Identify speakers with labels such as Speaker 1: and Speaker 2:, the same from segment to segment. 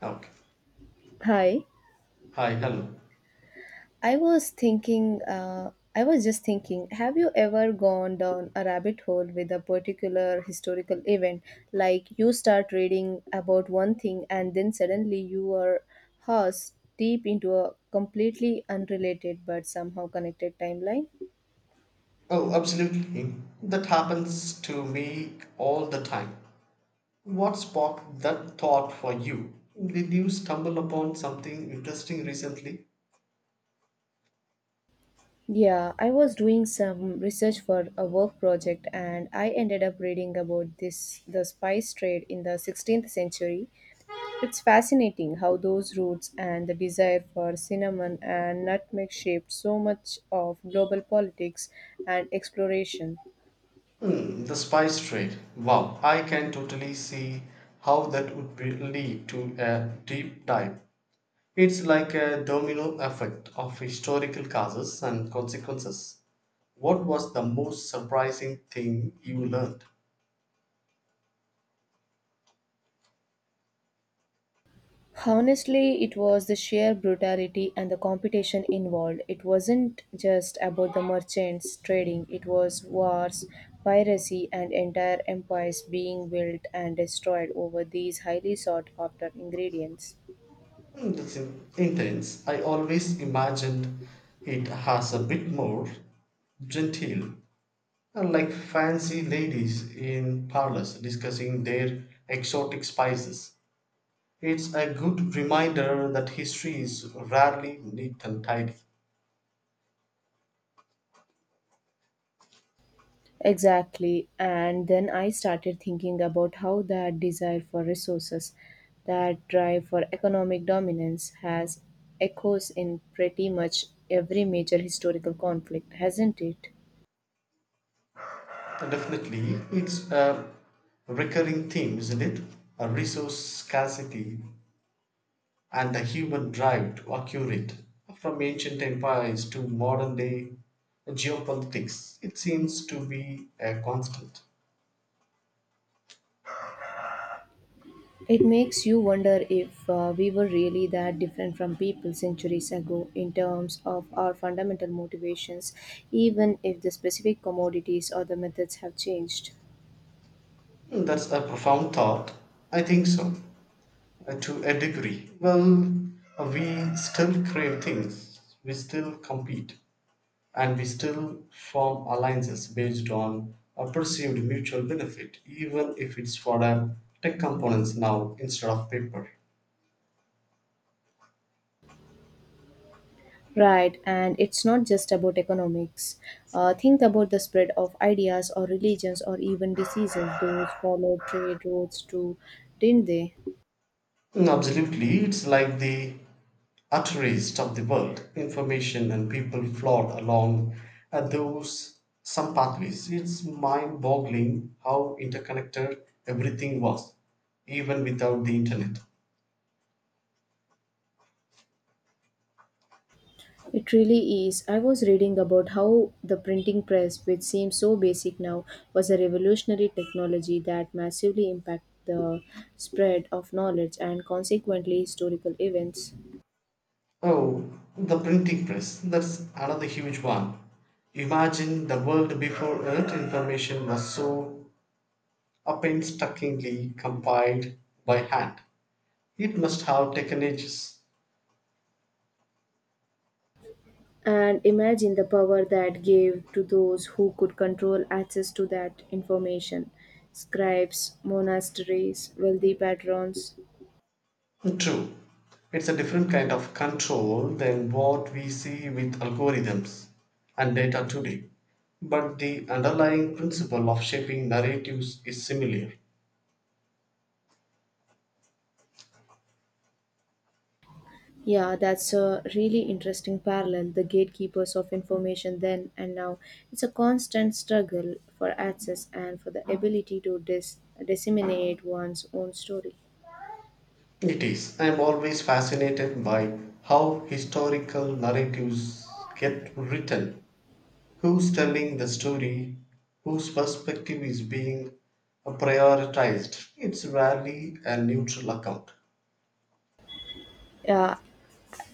Speaker 1: Okay.
Speaker 2: Hi,
Speaker 1: Hi, hello.
Speaker 2: I was just thinking, have you ever gone down a rabbit hole with a particular historical event? Like you start reading about one thing and then suddenly you are horse deep into a completely unrelated but somehow connected timeline?
Speaker 1: Oh, absolutely. That happens to me all the time. What sparked that thought for you? Did you stumble upon something interesting recently?
Speaker 2: Yeah, I was doing some research for a work project and I ended up reading about this the spice trade in the 16th century. It's fascinating how those roots and the desire for cinnamon and nutmeg shaped so much of global politics and exploration.
Speaker 1: Hmm, the spice trade. Wow, I can totally see how that would lead to a deep dive. It's like a domino effect of historical causes and consequences. What was the most surprising thing you learned?
Speaker 2: Honestly, it was the sheer brutality and the competition involved. It wasn't just about the merchants trading, it was wars, piracy, and entire empires being built and destroyed over these highly sought after ingredients.
Speaker 1: Mm, that's intense. I always imagined it has a bit more genteel, like fancy ladies in parlors discussing their exotic spices. It's a good reminder that history is rarely neat and tidy.
Speaker 2: Exactly. And then I started thinking about how that desire for resources, that drive for economic dominance, has echoes in pretty much every major historical conflict, hasn't it?
Speaker 1: Definitely, it's a recurring theme, isn't it? A resource scarcity, and the human drive to acquire it, from ancient empires to modern day geopolitics, it seems to be a constant.
Speaker 2: It makes you wonder if we were really that different from people centuries ago in terms of our fundamental motivations, even if the specific commodities or the methods have changed.
Speaker 1: Hmm, that's a profound thought. I think so, to a degree. Well, we still crave things, we still compete, and we still form alliances based on a perceived mutual benefit, even if it's for a tech components now instead of paper.
Speaker 2: Right, and it's not just about economics. Think about the spread of ideas or religions or even diseases. Those followed trade routes too, didn't they?
Speaker 1: Mm, absolutely, it's like the Utterist of the world, information and people flowed along at those some pathways. It's mind boggling how interconnected everything was, even without the internet.
Speaker 2: It really is. I was reading about how the printing press, which seems so basic now, was a revolutionary technology that massively impacted the spread of knowledge and consequently historical events.
Speaker 1: Oh, the printing press, that's another huge one. Imagine the world before it, information was so painstakingly compiled by hand. It must have taken ages.
Speaker 2: And imagine the power that gave to those who could control access to that information: scribes, monasteries, wealthy patrons.
Speaker 1: True, it's a different kind of control than what we see with algorithms and data today. But the underlying principle of shaping narratives is similar.
Speaker 2: Yeah, that's a really interesting parallel. The gatekeepers of information then and now. It's a constant struggle for access and for the ability to disseminate one's own story.
Speaker 1: It is. I am always fascinated by how historical narratives get written, who's telling the story, whose perspective is being prioritized. It's rarely a neutral account.
Speaker 2: Yeah,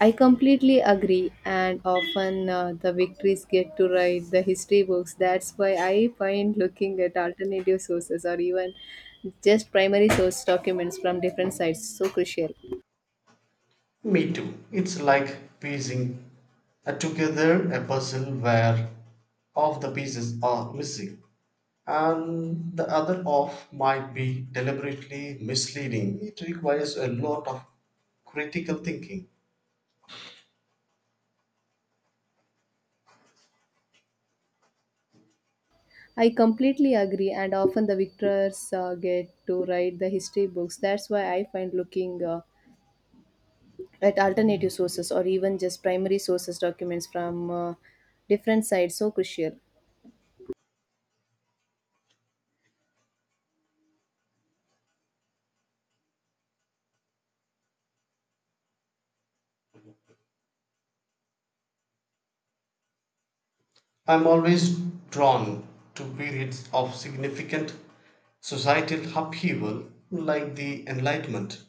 Speaker 2: I completely agree, and often the victories get to write the history books. That's why I find looking at alternative sources or even just primary source documents from different sites so crucial.
Speaker 1: Me too. It's like piecing together a puzzle where half the pieces are missing and the other half might be deliberately misleading. It requires a lot of critical thinking.
Speaker 2: I completely agree, and often the victors get to write the history books. That's why I find looking at alternative sources or even just primary sources documents from different sites so crucial.
Speaker 1: I'm always drawn to periods of significant societal upheaval like the Enlightenment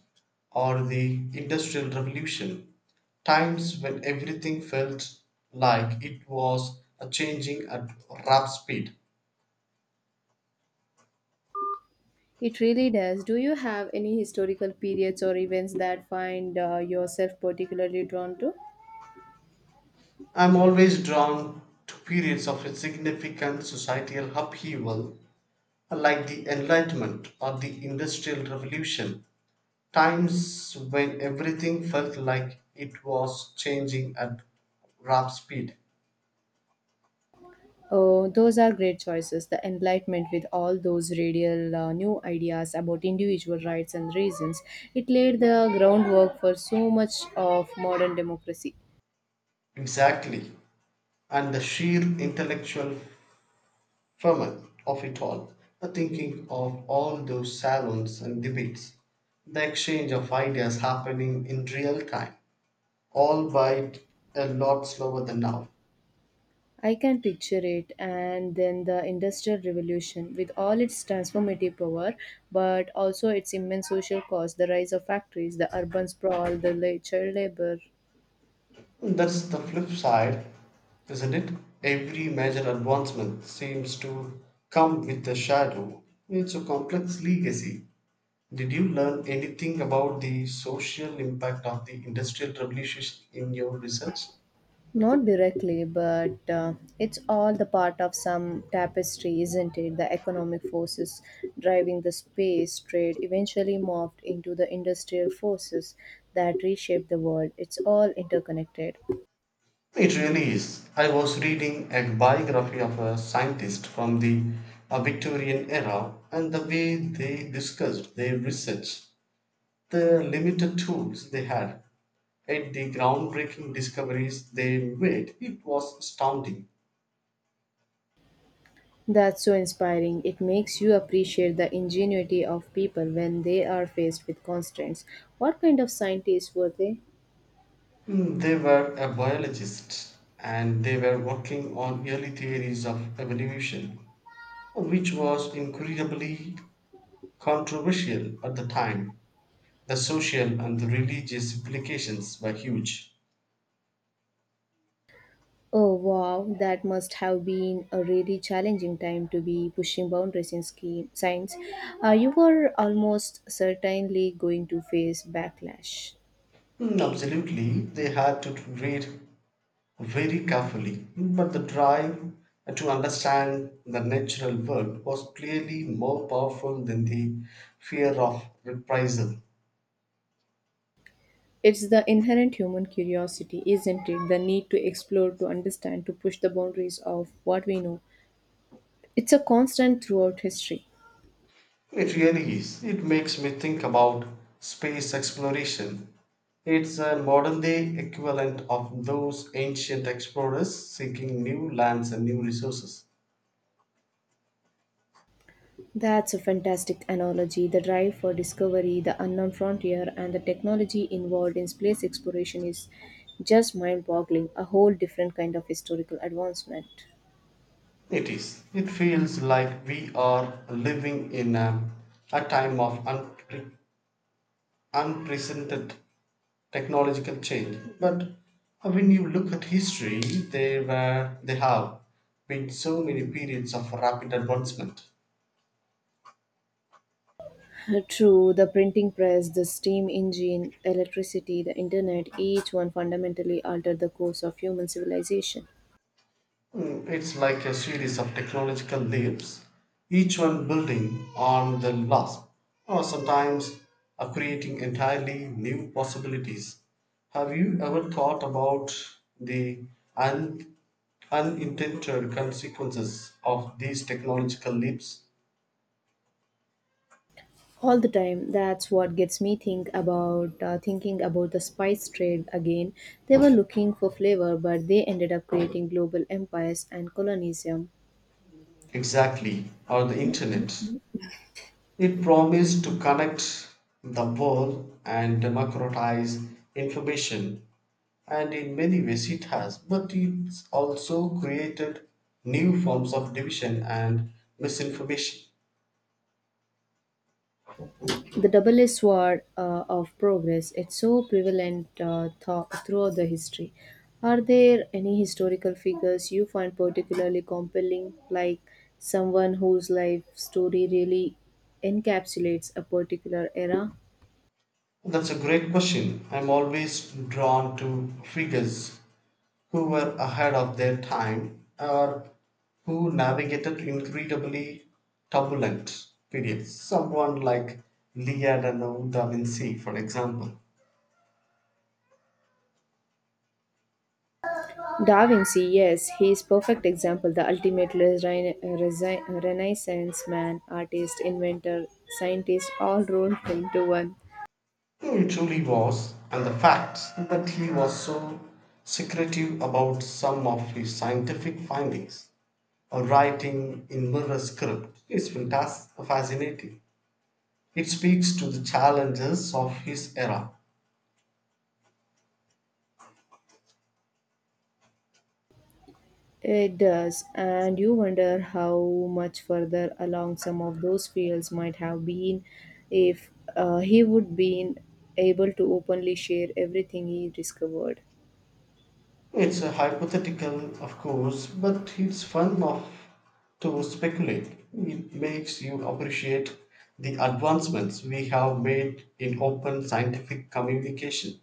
Speaker 1: or the Industrial Revolution, times when everything felt like it was a changing at rap speed.
Speaker 2: It really does. Do you have any historical periods or events that find yourself particularly drawn to?
Speaker 1: I'm always drawn to periods of significant societal upheaval like the Enlightenment or the Industrial Revolution, times when everything felt like it was changing at rap speed.
Speaker 2: Oh, those are great choices. The Enlightenment, with all those radical new ideas about individual rights and reasons, it laid the groundwork for so much of modern democracy.
Speaker 1: Exactly. And the sheer intellectual ferment of it all, the thinking of all those salons and debates, the exchange of ideas happening in real time, all by a lot slower than now.
Speaker 2: I can picture it, and then the Industrial Revolution, with all its transformative power, but also its immense social cost, the rise of factories, the urban sprawl, the child labor.
Speaker 1: That's the flip side, isn't it? Every major advancement seems to come with a shadow. It's a complex legacy. Did you learn anything about the social impact of the Industrial Revolution in your research?
Speaker 2: Not directly, but it's all the part of some tapestry, isn't it? The economic forces driving the space trade eventually morphed into the industrial forces that reshaped the world. It's all interconnected.
Speaker 1: It really is. I was reading a biography of a scientist from the Victorian era, and the way they discussed their research, the limited tools they had, and the groundbreaking discoveries they made, it was astounding.
Speaker 2: That's so inspiring. It makes you appreciate the ingenuity of people when they are faced with constraints. What kind of scientists were they?
Speaker 1: Mm, they were a biologist and they were working on early theories of evolution which was incredibly controversial at the time. The social and the religious implications were huge.
Speaker 2: Oh wow, that must have been a really challenging time to be pushing boundaries in ski science. You were almost certainly going to face backlash.
Speaker 1: Mm, absolutely, they had to read very carefully, but the drive to understand the natural world was clearly more powerful than the fear of reprisal.
Speaker 2: It's the inherent human curiosity, isn't it? The need to explore, to understand, to push the boundaries of what we know. It's a constant throughout history.
Speaker 1: It really is. It makes me think about space exploration. It's a modern day equivalent of those ancient explorers seeking new lands and new resources.
Speaker 2: That's a fantastic analogy. The drive for discovery, the unknown frontier, and the technology involved in space exploration is just mind boggling. A whole different kind of historical advancement.
Speaker 1: It is. It feels like we are living in a time of unprecedented technological change. But when you look at history, there have been so many periods of rapid advancement.
Speaker 2: True, the printing press, the steam engine, electricity, the internet, each one fundamentally altered the course of human civilization.
Speaker 1: Mm, it's like a series of technological leaps, each one building on the last, or sometimes are creating entirely new possibilities. Have you ever thought about the un- unintended consequences of these technological leaps?
Speaker 2: All the time, that's what gets me thinking about the spice trade again. They were looking for flavor, but they ended up creating global empires and colonialism.
Speaker 1: Exactly, or the internet. It promised to connect the world and democratize information, and in many ways it has, but it's also created new forms of division and misinformation.
Speaker 2: The double-edged sword of progress, it's so prevalent throughout the history. Are there any historical figures you find particularly compelling, like someone whose life story really encapsulates a particular era?
Speaker 1: That's a great question. I'm always drawn to figures who were ahead of their time or who navigated incredibly turbulent periods. Someone like Leonardo da Vinci, for example.
Speaker 2: Da Vinci, yes, he is perfect example, the ultimate resi- renaissance man, artist, inventor, scientist, all rolled into one.
Speaker 1: He truly was, and the fact that he was so secretive about some of his scientific findings or writing in mirror script is fantastic, fascinating. It speaks to the challenges of his era.
Speaker 2: It does, and you wonder how much further along some of those fields might have been if he would been able to openly share everything he discovered.
Speaker 1: It's a hypothetical, of course, but it's fun of to speculate. It makes you appreciate the advancements we have made in open scientific communication.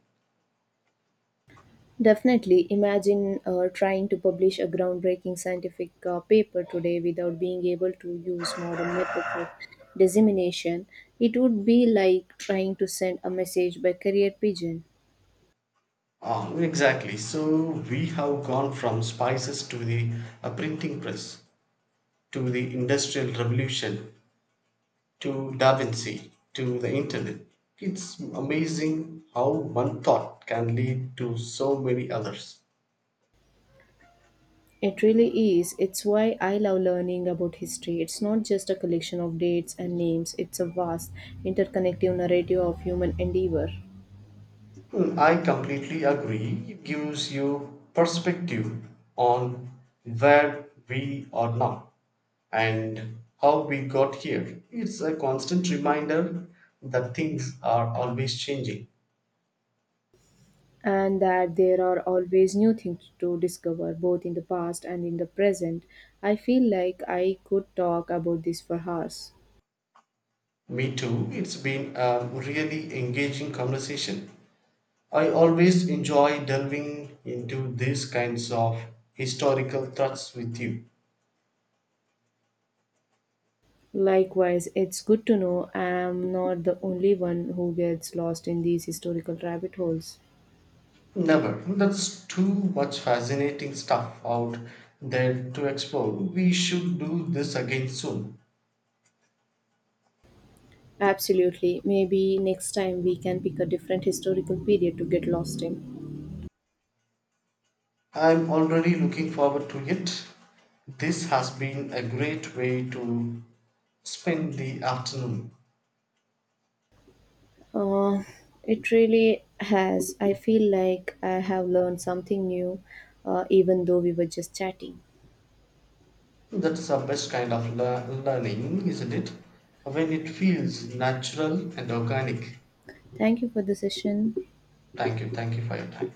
Speaker 2: Definitely, imagine trying to publish a groundbreaking scientific paper today without being able to use modern methods of dissemination. It would be like trying to send a message by carrier pigeon.
Speaker 1: Ah, exactly. So we have gone from spices to the printing press, to the industrial revolution, to Da Vinci, to the internet. It's amazing how one thought can lead to so many others.
Speaker 2: It really is. It's why I love learning about history. It's not just a collection of dates and names, it's a vast, interconnective narrative of human endeavor.
Speaker 1: Hmm, I completely agree. It gives you perspective on where we are now and how we got here. It's a constant reminder that things are always changing.
Speaker 2: And that there are always new things to discover, both in the past and in the present. I feel like I could talk about this for hours.
Speaker 1: Me too. It's been a really engaging conversation. I always enjoy delving into these kinds of historical thoughts with you.
Speaker 2: Likewise, it's good to know I am not the only one who gets lost in these historical rabbit holes.
Speaker 1: Never. That's too much fascinating stuff out there to explore. We should do this again soon.
Speaker 2: Absolutely. Maybe next time we can pick a different historical period to get lost in.
Speaker 1: I'm already looking forward to it. This has been a great way to spend the afternoon.
Speaker 2: Uh, it really has. I feel like I have learned something new, even though we were just chatting.
Speaker 1: That's the best kind of learning, isn't it? When it feels natural and organic.
Speaker 2: Thank you for the session.
Speaker 1: Thank you for your time.